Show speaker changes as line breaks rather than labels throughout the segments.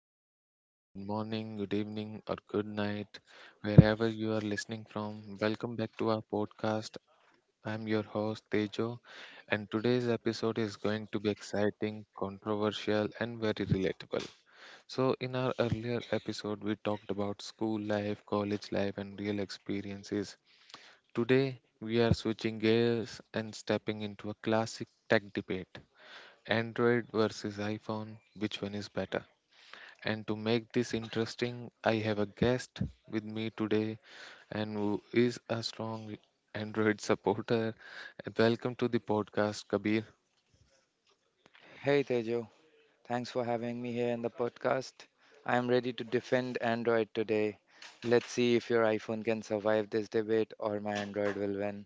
everyone. Good morning, good evening, or good night, wherever you are listening from. Welcome back to our podcast. I'm your host Tejo, and today's episode is going to be exciting, controversial, and very relatable. So, in our earlier episode, we talked about school life, college life, and real experiences. Today, we are switching gears and stepping into a classic tech debate. Android versus iPhone, which one is better? And to make this interesting, I have a guest with me today, and who is a strong Android supporter. And welcome to the podcast, Kabir.
Hey Tejo, thanks for having me here in the podcast. I am ready to defend Android today. Let's see if your iPhone can survive this debate or my Android will win.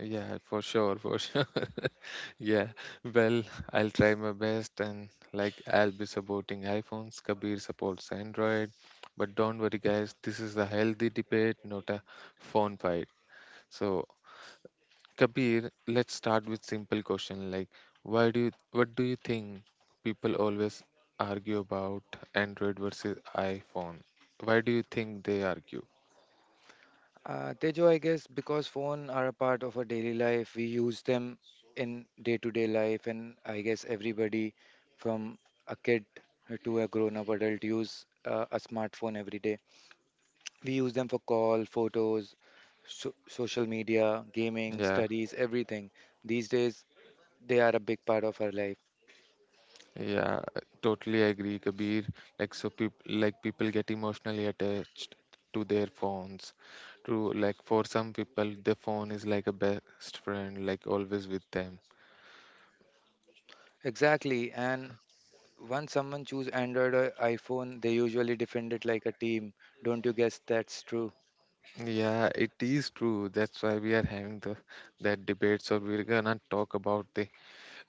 Yeah, for sure, for sure. Yeah, well, I'll try my best and I'll be supporting iPhones. Kabir supports Android. But don't worry, guys, this is a healthy debate, not a phone fight. So Kabir, let's start with simple question like why do you what do you think people always argue about Android versus iPhone? Why do you think they argue?
Tejo, I guess because phones are a part of our daily life, we use them in day to day life, and I guess everybody from a kid to a grown up adult use a smartphone every day. We use them for call, photos, social media, gaming,
Yeah,
studies, everything. These days, they are a big part of our life.
yeah, I totally agree, Kabir. People get emotionally attached to their phones. True, like for some people the phone is like a best friend, like always with them.
Exactly. And once someone choose Android or iPhone, they usually defend it like a team. Don't you guess that's true?
Yeah, it is true. That's why we are having the that debates, or we're gonna talk about the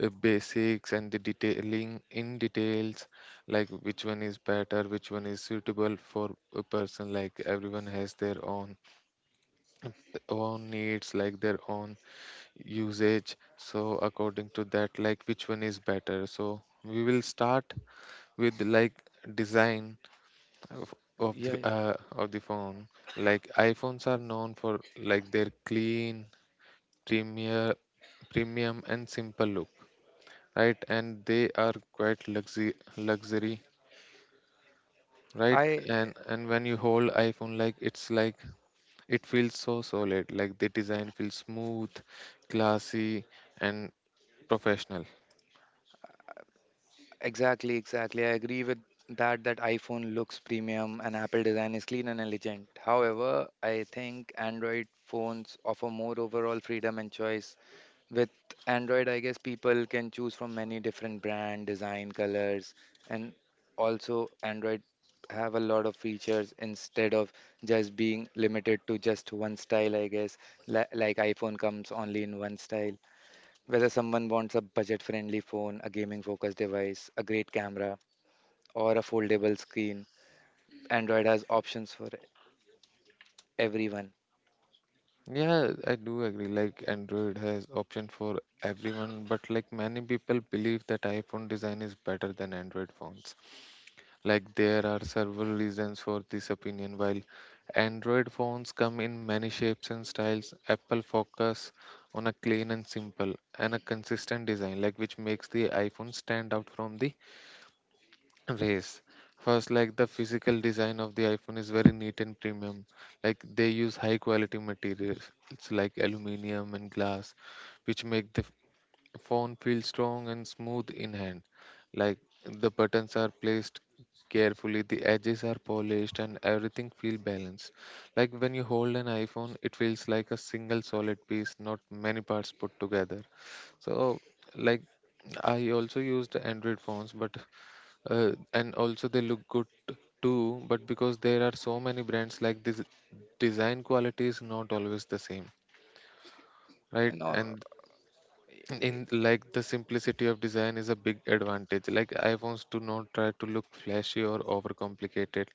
basics and the detailing in details like which one is better, which one is suitable for a person. Like everyone has their own needs, like their own usage, so according to that, like which one is better. So we will start with like design of,
Yeah,
of the phone. Like iPhones are known for like their clean premier premium and simple look, right? And they are quite luxury, right?
I
And when you hold iPhone, like it's like it feels so solid. Like the design feels smooth, classy, and professional.
exactly, exactly. I agree with that iPhone looks premium and Apple design is clean and elegant. However, I think Android phones offer more overall freedom and choice. With Android, I guess people can choose from many different brand, design, colors, and also Android have a lot of features instead of just being limited to just one style, I guess. Like iPhone comes only in one style. Whether someone wants a budget-friendly phone, a gaming-focused device, a great camera, or a foldable screen, Android has options for everyone.
Yeah, I do agree. Like Android has option for everyone, but like many people believe that iPhone design is better than Android phones. Like there are several reasons for this opinion. While Android phones come in many shapes and styles, Apple focus on a clean and simple and a consistent design, like which makes the iPhone stand out from the race. First, like the physical design of the iPhone is very neat and premium. Like they use high quality materials, it's like aluminium and glass, which make the phone feels strong and smooth in hand. Like the buttons are placed carefully, the edges are polished, and everything feels balanced. Like when you hold an iPhone, it feels like a single solid piece, not many parts put together. So, like I also used Android phones, but and also they look good too. But because there are so many brands, like this design quality is not always the same, right?
You know,
And in like the simplicity of design is a big advantage. Like iPhones do not try to look flashy or overcomplicated.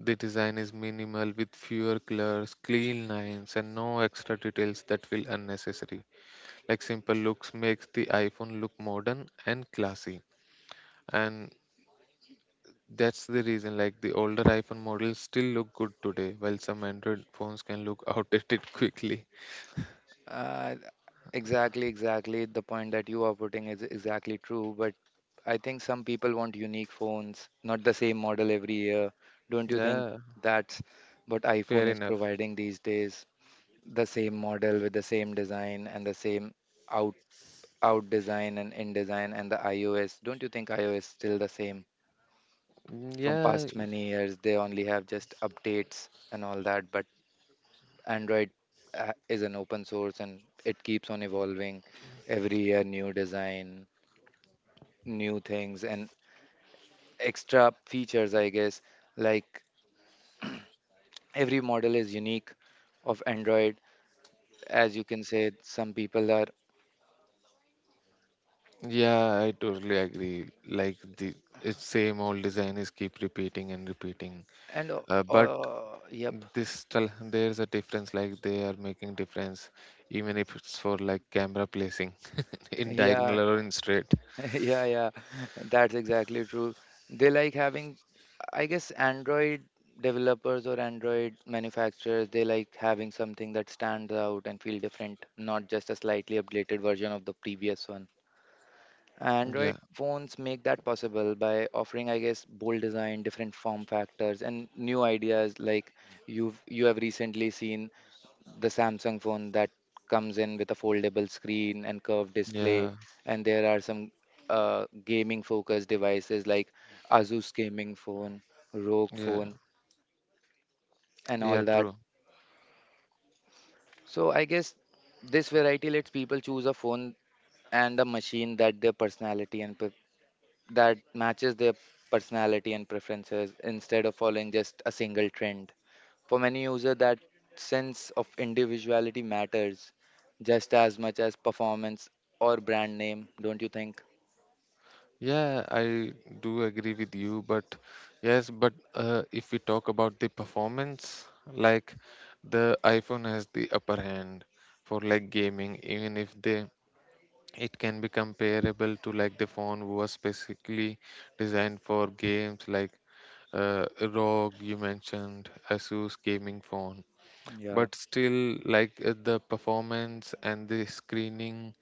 The design is minimal with fewer colors, clean lines, and no extra details that feel unnecessary. Like simple looks makes the iPhone look modern and classy, and that's the reason like the older iPhone models still look good today while some Android phones can look outdated quickly.
Uh, exactly, exactly. The point that you are putting is exactly true. But I think some people want unique phones, not the same model every year. Don't you think
Yeah,
that's what iPhone
fair
is
enough.
providing these days? The same model with the same design and the same out out design and in design and the iOS. Don't you think iOS still the same?
Mm,
From
yeah.
past many years, they only have just updates and all that, but Android is an open source and it keeps on evolving every year, new design, new things, and extra features, I guess. Like every model is unique of Android, as you can say, some people are,
Yeah, I totally agree. Like the it's same old design is keep repeating and repeating.
and uh,
But
uh, yep,
there's a difference. Like they are making difference, even if it's for like camera placing in
yeah,
diagonal or in straight.
yeah, that's exactly true. They like having, I guess, Android developers or Android manufacturers, they like having something that stands out and feel different, not just a slightly updated version of the previous one. Android
Yeah,
phones make that possible by offering, I guess, bold design, different form factors, and new ideas like you have recently seen the Samsung phone that comes in with a foldable screen and curved display,
yeah,
and there are some gaming focused devices like Asus gaming phone, Rogue
yeah,
phone, and
yeah.
all that.
True.
So I guess this variety lets people choose a phone and a machine that their personality that matches their personality and preferences instead of following just a single trend. For many users, that sense of individuality matters just as much as performance or brand name, don't you think?
Yeah, I do agree with you. But yes, but if we talk about the performance, like the iPhone has the upper hand for like gaming, even if they it can be comparable to like the phone was specifically designed for games like uh, ROG. You mentioned Asus gaming phone,
Yeah.
but still like the performance and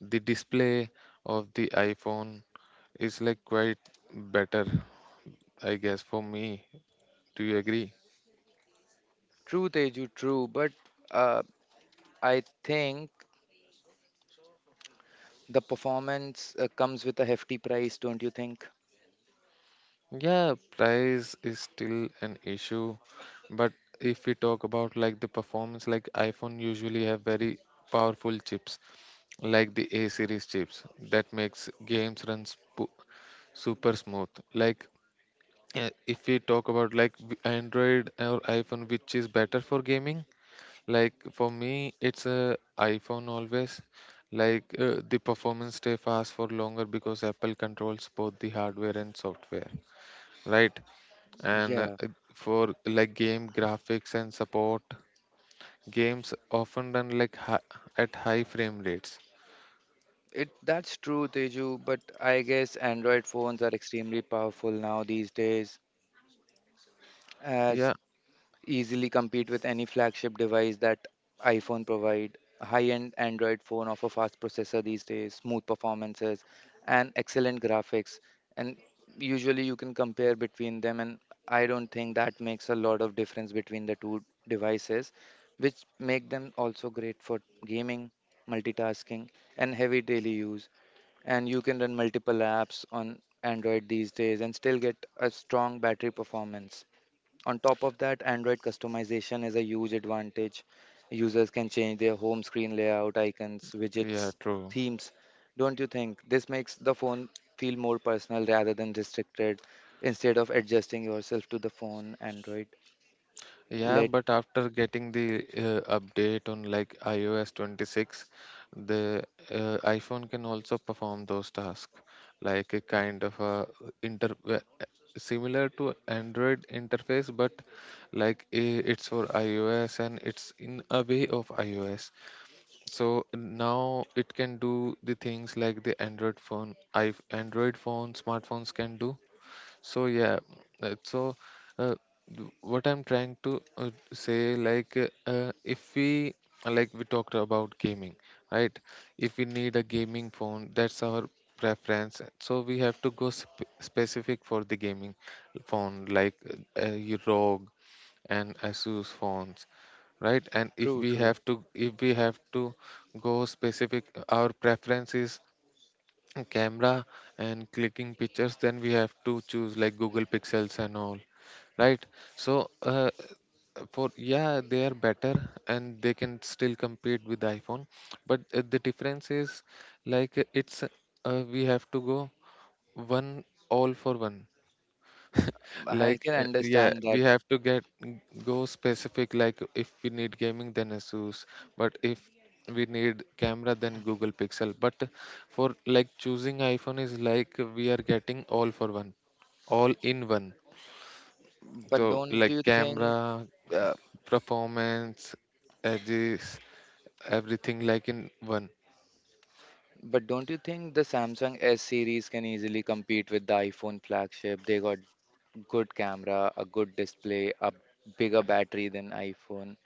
the display of the iPhone is like quite better, I guess. For me, do you agree?
True, Teju, true. But uh, I think the performance comes with a hefty price, don't you think?
Yeah, price is still an issue, but if we talk about like the performance, like iPhone usually have very powerful chips, like the A series chips that makes games run sp super smooth. Like if we talk about like Android or iPhone, which is better for gaming, like for me it's a iPhone always. Like the performance stay fast for longer because Apple controls both the hardware and software, right? And
Yeah,
for like game graphics and support, games often run like at high frame rates.
it that's true, Teju. But I guess Android phones are extremely powerful now these days. As
yeah
easily compete with any flagship device that iPhone provide. High-end Android phone offer fast processor these days, smooth performances, and excellent graphics. And usually you can compare between them, and I don't think that makes a lot of difference between the two devices, which make them also great for gaming, multitasking, and heavy daily use. And you can run multiple apps on Android these days and still get a strong battery performance. On top of that, Android customization is a huge advantage. Users can change their home screen layout, icons,
yeah
widgets,
True.
themes. Don't you think this makes the phone feel more personal rather than restricted instead of adjusting yourself to the phone Android?
Yeah
Let
but after getting the update on like iOS 26, the iPhone can also perform those tasks, like a kind of a inter similar to Android interface, but like it's for iOS and it's in a way of iOS. So now it can do the things like the Android phone, I Android phone, smartphones can do. So yeah, uh, so uh, what I'm trying to say, like if we like we talked about gaming, right? If we need a gaming phone, that's our preference. So we have to go sp specific for the gaming phone, like your ROG and Asus phones, right? And
true, true.
if we have to go specific, our preference is camera and clicking pictures, then we have to choose like Google Pixels and all, right? So for yeah, they are better and they can still compete with iPhone, but the difference is like it's we have to go one all for one
I
like
can
yeah,
understand
we
that,
have to get go specific. Like if we need gaming, then Asus, but if we need camera then Google Pixel. But for like choosing iPhone is like we are getting all for one, all in one.
but
So
don't
like
you think
camera,
uh,
performance, edges, everything like in one.
but don't you think the Samsung S series can easily compete with the iPhone flagship? They got good camera, a good display, a bigger battery than iPhone.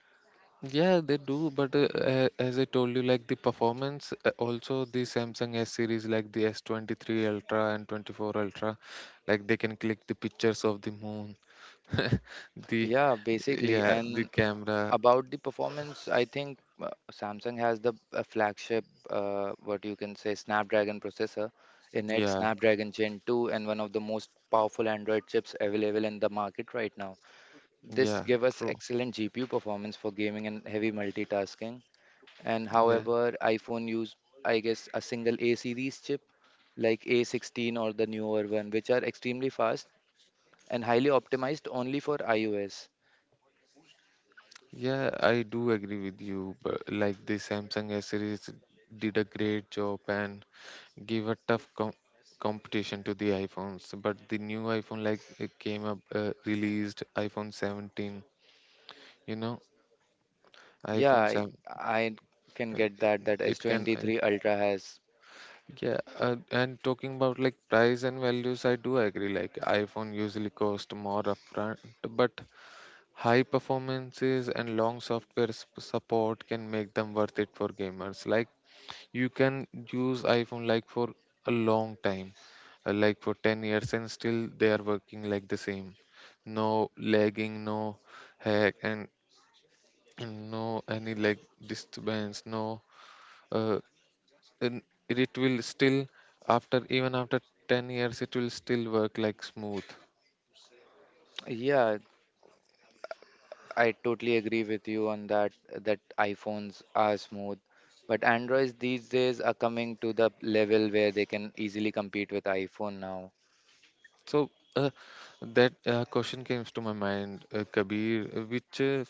Yeah, they do, but as I told you, like the performance, also the Samsung S series, like the S23 Ultra and 24 Ultra, like they can click the pictures of the moon, the
Yeah, basically.
yeah, the
And
camera,
about the performance, I think Samsung has the flagship, what you can say, Snapdragon processor in it,
yeah,
Snapdragon Gen 2, and one of the most powerful Android chips available in the market right now.
yeah,
This give us
true,
excellent GPU performance for gaming and heavy multitasking. And
yeah,
however iPhone use, I guess, a single A series chip like A16 or the newer one, which are extremely fast and highly optimized only for iOS.
yeah, I do agree with you, but like the Samsung S series did a great job and give a tough competition to the iPhones. But the new iPhone, like it came up, released iPhone 17. You know,
yeah
iPhone
i,
7.
I can
uh,
get that that
It can,
S23 ultra has.
yeah. And talking about like price and values, I do agree. Like iPhone usually cost more upfront, but high performances and long software support can make them worth it for gamers. Like you can use iPhone like for a long time, like for 10 years, and still they are working like the same, no lagging, no hack, and no any like disturbance, no uh, and it will still after, even after 10 years, it will still work like smooth.
Yeah, I totally agree with you on that that iPhones are smooth, but Androids these days are coming to the level where they can easily compete with iPhone now.
So uh, that question comes to my mind, Kabir, which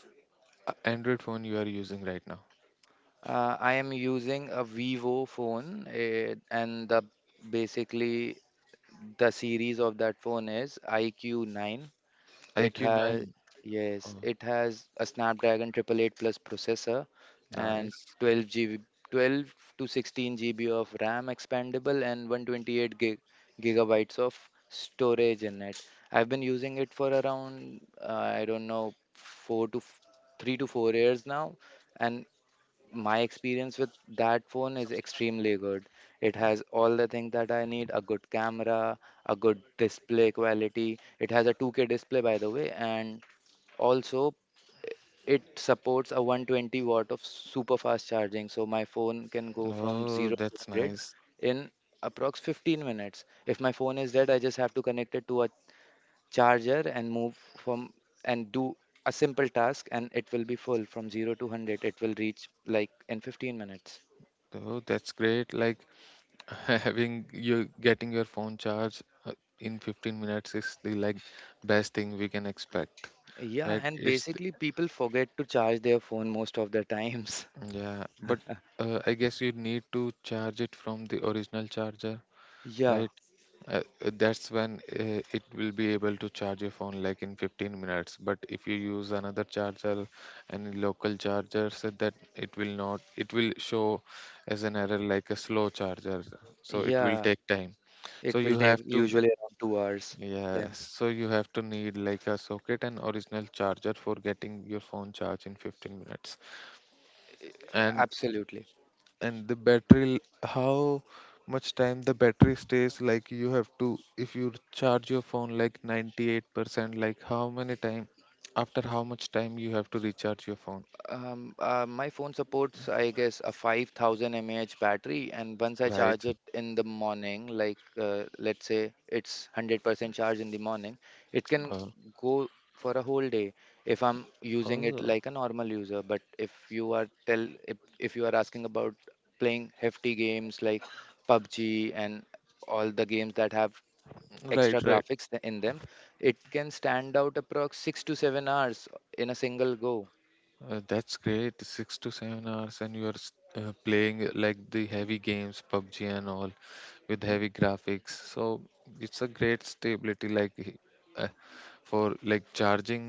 Android phone you are using right now?
I am using a Vivo phone, eh, and the basically the series of that phone is IQ9. It has
IQ9?
Yes,
Oh,
it has a Snapdragon 888 Plus processor and
nice.
12 to 16 GB of RAM expandable and gigabytes of storage in it. I've been using it for around I don't know four to f- 3 to 4 years now, and my experience with that phone is extremely good. It has all the things that I need, a good camera, a good display quality. It has a 2K display, by the way, and also it supports a 120 watt of super fast charging. So my phone can go from
Oh,
0 to
that's
100
nice.
in approx 15 minutes. If my phone is dead, I just have to connect it to a charger and move from and do a simple task and it will be full from 0 to 100, it will reach like in 15 minutes.
Oh, that's great. Like having you getting your phone charged in 15 minutes is the like best thing we can expect,
Yeah,
right?
and basically people forget to charge their phone most of the times.
Yeah, but I guess you need to charge it from the original charger,
Yeah,
right? That's when it will be able to charge your phone like in 15 minutes, but if you use another charger, any local charger, so that it will not, it will show as an error, like a slow charger, so it will
yeah.
take time.
It
So
will
you
take
have to
usually around 2 hours
Yes,
then.
so you have to need like a socket and original charger for getting your phone charged in 15 minutes. and
Absolutely.
and the how much time the battery stays? Like you have to, if you charge your phone like 98%, like how many time, after how much time you have to recharge your phone?
My phone supports, I guess, a 5000 mAh battery, and once I
Right.
charge it in the morning, like let's say it's 100% charge in the morning, it can
uh,
go for a whole day if I'm using it
oh
like a normal user. But if you are asking about playing hefty games like PUBG and all the games that have
right,
extra
right.
graphics in them, it can stand out approx 6 to 7 hours in a single go.
Uh, that's great, 6 to 7 hours, and you are playing like the heavy games PUBG and all with heavy graphics. So it's a great stability, like uh, for like charging,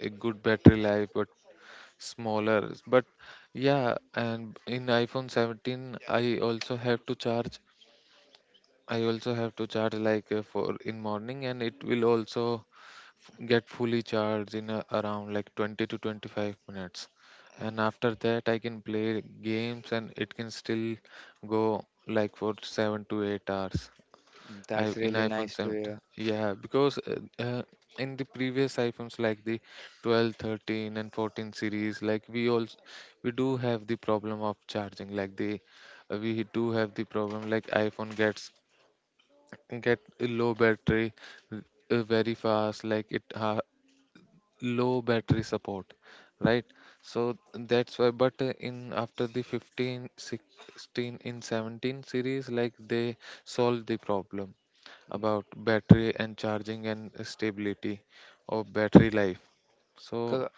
a good battery life, but smaller. But yeah, and in iPhone 17, I also have to charge like for in morning, and it will also get fully charged in around like 20 to 25 minutes, and after that I can play games and it can still go like for 7 to 8 hours.
Mm,
I,
that's
in
really
iPhone
nice to
17,
hear.
yeah, because in the previous iPhones like the 12, 13 and 14 series, like we do have the problem of charging. Like the we do have the problem like iPhone get a low battery very fast, like it low battery support, right? So that's why. But in after the 15, 16, in 17 series, like they solved the problem about battery and charging and stability of battery life. So,
Co-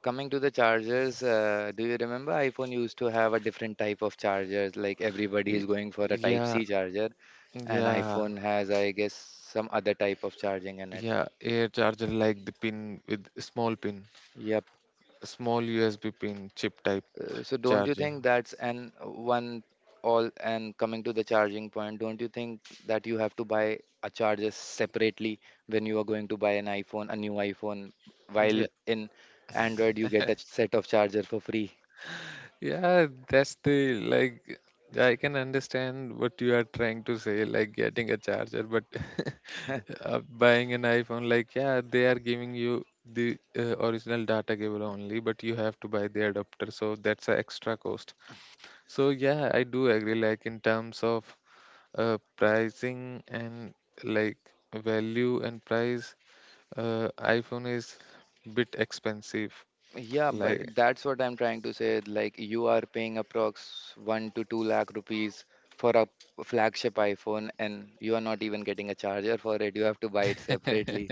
Coming to the chargers, do you remember iPhone used to have a different type of chargers? Like everybody
y-
is going for a Type
yeah,
C charger, and
yeah,
iPhone has, I guess, some other type of charging in it.
yeah, air charger like the pin with small pin,
Yep.
small USB pin chip type
So don't you
charger.
think that's an one all and coming to the charging point, don't you think that you have to buy a charger separately when you are going to buy an iPhone, a new iPhone, while
Yeah.
in Android you get a set of charger for free?
Yeah, that's the like I can understand what you are trying to say, like getting a charger, but buying an iPhone, like yeah, they are giving you the original data cable only, but you have to buy the adapter, so that's an extra cost. So yeah, I do agree, like in terms of pricing and like value and price, iPhone is bit expensive,
Yeah,
like.
but that's what I'm trying to say. Like you are paying approx one to two lakh rupees for a flagship iPhone, and you are not even getting a charger for it. You have to buy it separately.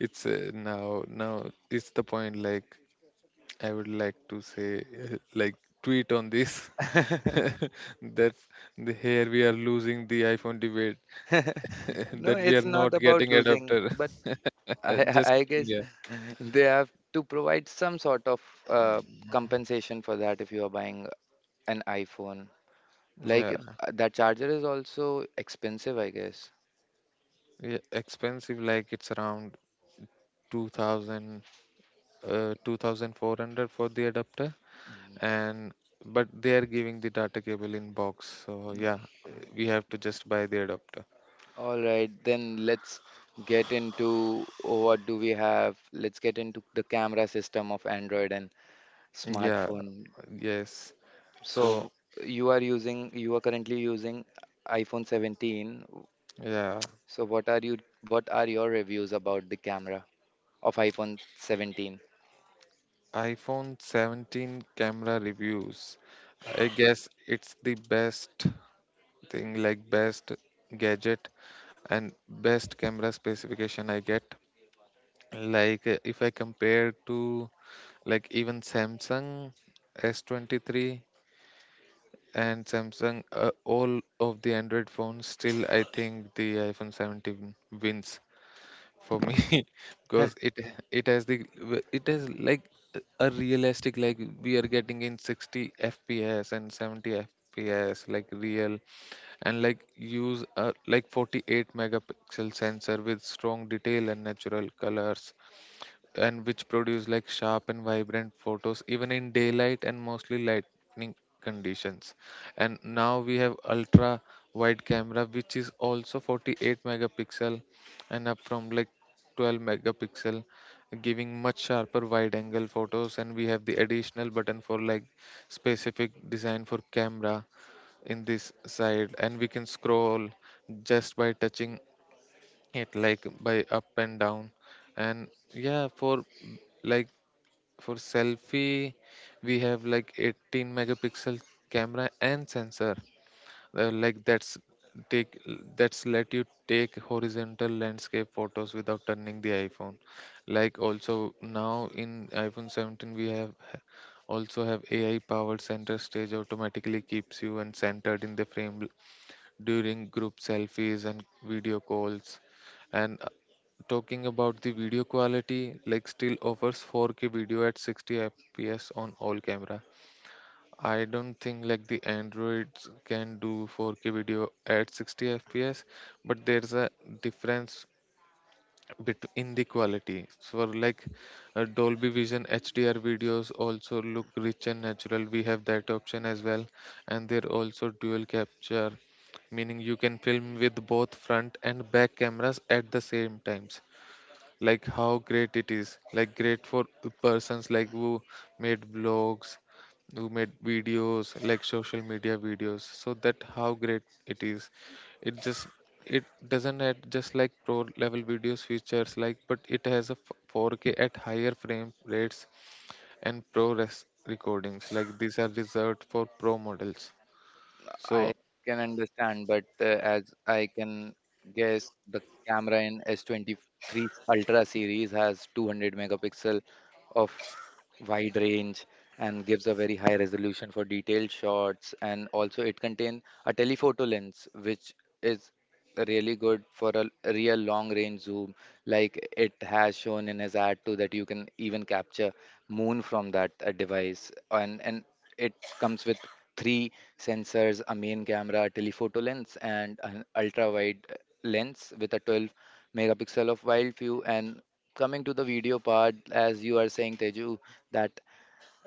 It's now it's the point, like I would like to say like tweet on this. That's the Here we are losing the iPhone debate
No,
that we are
it's
not
not about
getting
losing,
adapter.
but I, I
Just
I guess
yeah.
they have to provide some sort of uh, compensation for that if you are buying an iPhone. Like
Yeah,
that charger is also expensive, I guess.
yeah, expensive like it's around 2000, 2400 for the adapter, and but they are giving the data cable in box, so yeah, we have to just buy the adapter.
All right, then let's get into oh, what do we have. Let's get into the camera system of Android and
Yeah,
smartphone.
yes,
So
so
you are currently using iPhone 17.
yeah,
So what are your reviews about the camera of iPhone 17?
iPhone 17 camera reviews. I guess it's the best thing, like best gadget and best camera specification I get. Like if I compare to like even Samsung S23 and Samsung, all of the Android phones, still I think the iPhone 17 wins for me. Because it has the it has like a realistic, like we are getting in 60 fps and 70 fps, like real, and like use a like 48 megapixel sensor with strong detail and natural colors, and which produce like sharp and vibrant photos even in daylight and mostly lightning conditions. And now we have ultra wide camera which is also 48 megapixel and up from like 12 megapixel, giving much sharper wide angle photos. And we have the additional button for like specific design for camera in this side, and we can scroll just by touching it, like by up and down. And yeah, for like for selfie, we have like 18 megapixel camera and sensor, like that's take, that's let you take horizontal landscape photos without turning the iPhone. Like also now in iPhone 17 we have also have AI powered center stage, automatically keeps you and centered in the frame during group selfies and video calls. And talking about the video quality, like still offers 4K video at 60 fps on all camera. I don't think like the Androids can do 4K video at 60 fps, but there's a difference in the quality. So like, Dolby Vision HDR videos also look rich and natural. We have that option as well, and they're also dual capture, meaning you can film with both front and back cameras at the same time. Like how great it is, like great for persons like who made vlogs, who made videos like social media videos, so that how great it is. It just, it doesn't have just like pro level videos features, like but it has a 4K at higher frame rates and pro res recordings, like these are reserved for pro models, so.
I can understand, but as I can guess, the camera in S23 Ultra series has 200 megapixel of wide range and gives a very high resolution for detailed shots. And also, it contains a telephoto lens, which is really good for a real long range zoom, like it has shown in his ad too that you can even capture moon from that device, and it comes with three sensors, a main camera, a telephoto lens, and an ultra wide lens with a 12 megapixel of wild view. And coming to the video part, as you are saying, Teju, that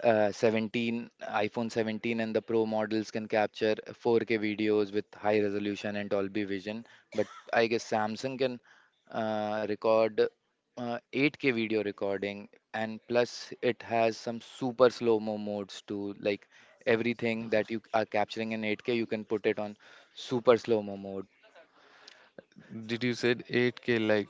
uh, 17 iPhone 17 and the Pro models can capture 4K videos with high resolution and Dolby Vision, but I guess Samsung can record 8K video recording, and plus it has some super slow-mo modes too. Like everything that you are capturing in 8K, you can put it on super slow-mo mode.
Did you said 8K? Like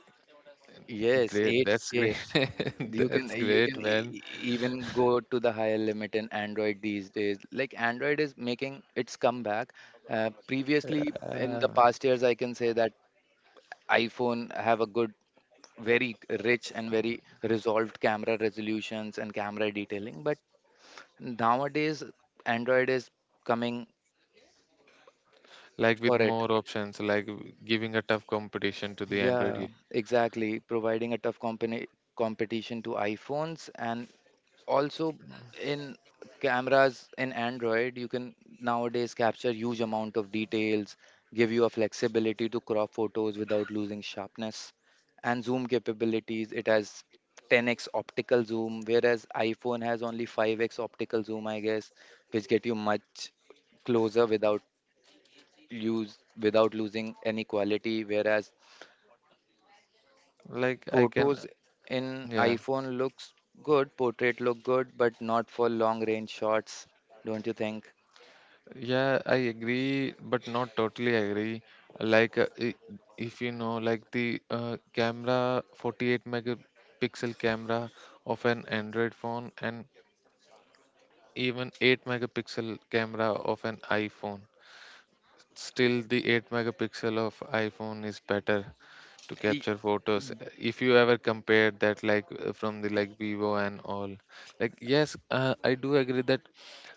Yes,
great, that's great.
8K.
That's
You
great,
can
man.
even go to the higher limit in Android these days. Like Android is making its comeback. Previously, in the
Uh,
past years, I can say that iPhone have a good, very rich and very resolved camera resolutions and camera detailing. But nowadays, Android is coming
like with
for it.
more options, like giving a tough competition to the Android,
Yeah, exactly. Providing a tough company competition to iPhones. And also in cameras in Android you can nowadays capture huge amount of details, give you a flexibility to crop photos without losing sharpness, and zoom capabilities. It has 10x optical zoom whereas iPhone has only 5x optical zoom, I guess, which get you much closer without use without losing any quality, whereas
like I can.
photos in
Yeah,
iPhone looks good, portrait look good, but not for long range shots, don't you think?
yeah, I agree, but not totally agree. Like if you know like the camera, 48 megapixel camera of an Android phone, and even 8 megapixel camera of an iPhone. Still, the 8 megapixel of iPhone is better to
Y-
capture photos.
mm,
If you ever compared that, like from the like Vivo and all. Like yes, I do agree that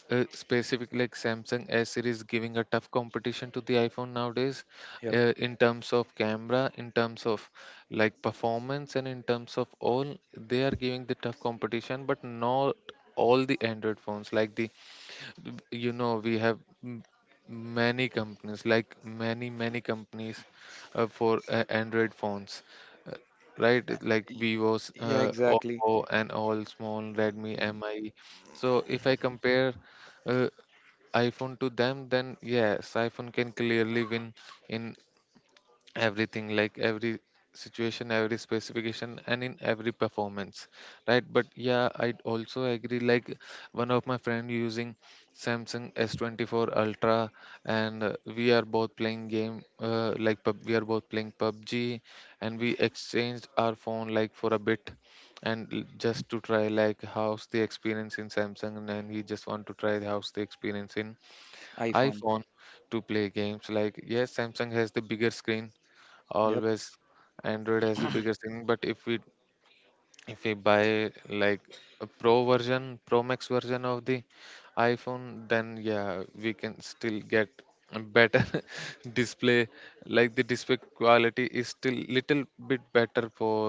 specific like Samsung S series giving a tough competition to the iPhone nowadays,
Yep.
in terms of camera, in terms of like performance, and in terms of all, they are giving the tough competition, but not all the Android phones, like the, you know, we have many companies, like many many companies, for Android phones, uh, right. Like
Y-
Vivo's,
Yeah, exactly.
Oppo, and all, small Redmi, Mi. So if I compare, uh, iPhone to them, then yes, iPhone can clearly win in everything, like every situation, every specification, and in every performance, right? But yeah, I also agree, like one of my friend using Samsung S24 Ultra, and we are both playing game, like we are both playing PUBG. And we exchanged our phone, like for a bit, and just to try, like how's the experience in Samsung, and then he just want to try how's the experience in
iPhone.
iPhone, to play games. Like yes, Samsung has the bigger screen,
Yep.
always. Android has the bigger thing. But if we buy like a pro version, pro max version of the iPhone, then yeah, we can still get a better display. Like the display quality is still little bit better for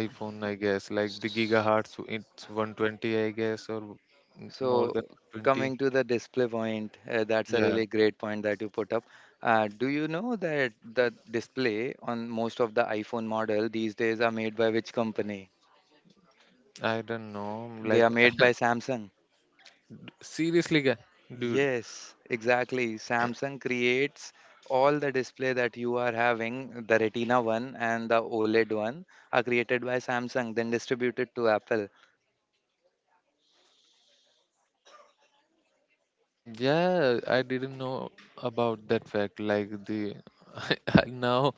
iPhone, I guess. Like the gigahertz, it's 120, I guess, or more
So
than 20.
coming to the display point, that's a
Yeah,
really great point that you put up. Do you know that the display on most of the iPhone model these days are made by which company?
I don't know,
They
like.
are made by Samsung.
Seriously, guy. Dude.
Yes, exactly. Samsung creates all the display that you are having, the Retina one and the OLED one, are created by Samsung, then distributed to Apple.
Yeah, I didn't know about that fact. Like the, now,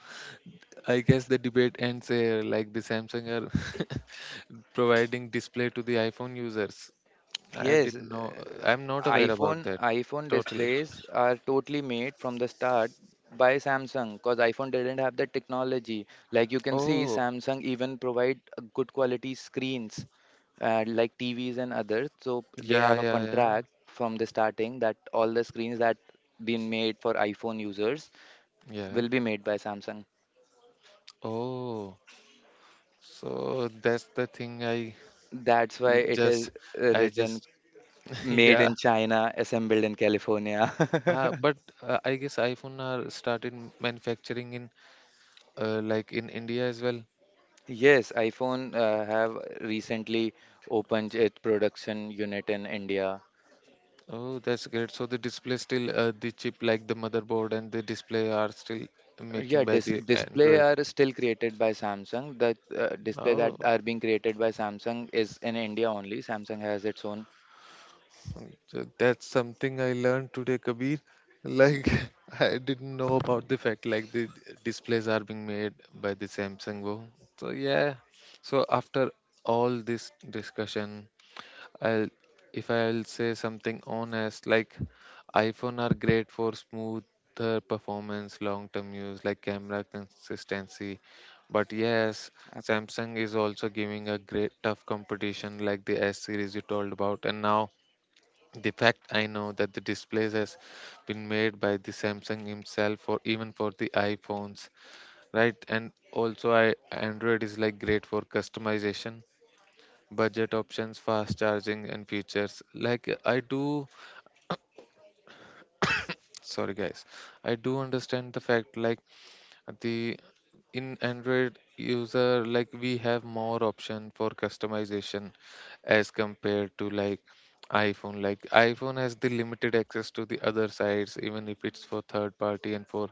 I guess the debate ends here. Like the Samsung are providing display to the iPhone users. I
Yes,
didn't know. I'm not aware about that.
iPhone
Totally.
displays are totally made from the start by Samsung because iPhone didn't have the technology. Like you can see,
Oh,
Samsung even provide a good quality screens like TVs and others. So they
yeah,
have a
yeah, yeah,
contract from the starting that all the screens that been made for iPhone users
yeah.
will be made by Samsung.
Oh, so that's the thing. I
That's why
l-
it is
just,
written
just,
made
yeah.
in China, assembled in California.
But I guess iPhone are started manufacturing in like in India as well.
Yes, iPhone have recently opened its production unit in India.
Oh, that's great. So the display still, the chip, like the motherboard and the display are still making
Yeah,
by the
display
Android.
are still created by Samsung. The display that
Oh,
are being created by Samsung is in India only. Samsung has its own.
so that's something I learned today, Kabir. Like I didn't know about the fact, like the displays are being made by the Samsung Go. So yeah. So after all this discussion, I'll if I'll say something honest, like iPhone are great for smoother performance, long-term use, like camera consistency. But yes,
app-
Samsung is also giving a great tough competition, like the S series you told about. And now the fact I know that the displays has been made by the Samsung himself or even for the iPhones, right? And also I, Android is like great for customization, budget options, fast charging, and features. Like I do, sorry guys, I do understand the fact, like the, in Android user, like we have more option for customization as compared to like iPhone. Like iPhone has the limited access to the other sites, even if it's for third party, and for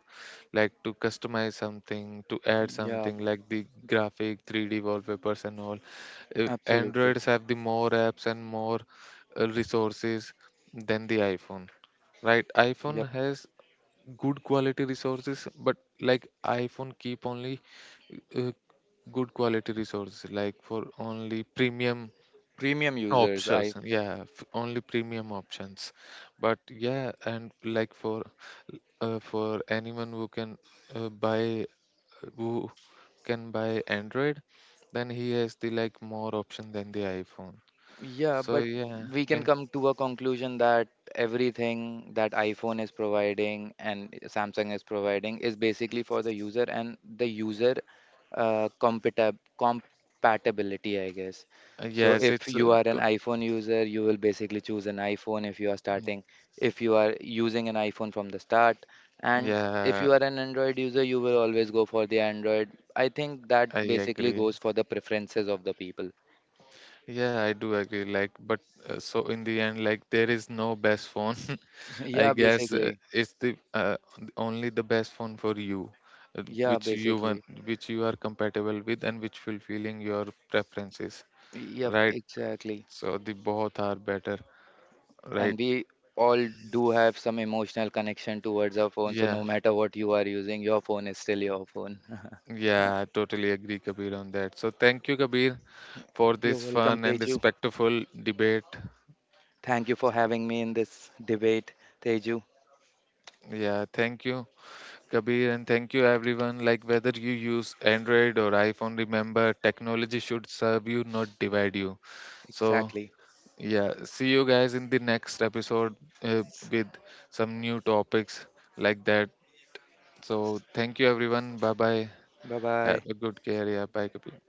like to customize something, to add
Yeah,
something like the graphic 3D wallpapers and all.
absolutely.
Androids have the more apps and more resources than the iPhone, right? iPhone
Yeah,
has good quality resources, but like iPhone keep only uh, good quality resources, like for only premium
premium users.
options.
I.
Yeah, only premium options. But yeah, and like for anyone who can buy, who can buy Android, then he has the like more option than the iPhone.
Yeah,
So
but
yeah,
we can
in,
come to a conclusion that everything that iPhone is providing and Samsung is providing is basically for the user and the user compatibility, I guess. So
yes
if
it's,
you are an iPhone user, you will basically choose an iPhone if you are starting, if you are using an iPhone from the start. And if
yeah,
you are an Android user, you will always go for the Android. I think that
I
basically
agree.
goes for the preferences of the people.
Yeah, I do agree. Like, but so in the end, like, there is no best phone. I
Yeah,
guess
basically.
it's the only the best phone for you,
Yeah,
which you want,
basically.
which you are compatible with, and which fulfilling your preferences,
Yep,
right?
exactly.
So the both are better, right?
And we all do have some emotional connection towards our phone. So
Yeah,
no matter what you are using, your phone is still your phone.
yeah, I totally agree, Kabir, on that. So thank you, Kabir, for
You're
this
welcome,
fun and
Teju.
respectful debate.
Thank you for having me in this debate, Teju.
Yeah, thank you, Kabir, and thank you everyone. Like whether you use Android or iPhone, remember technology should serve you, not divide you. So,
Exactly.
yeah, see you guys in the next episode, uh, with some new topics like that. So, thank you everyone. Bye bye.
Bye
Have
bye.
a good care. Yeah, bye, Kabir.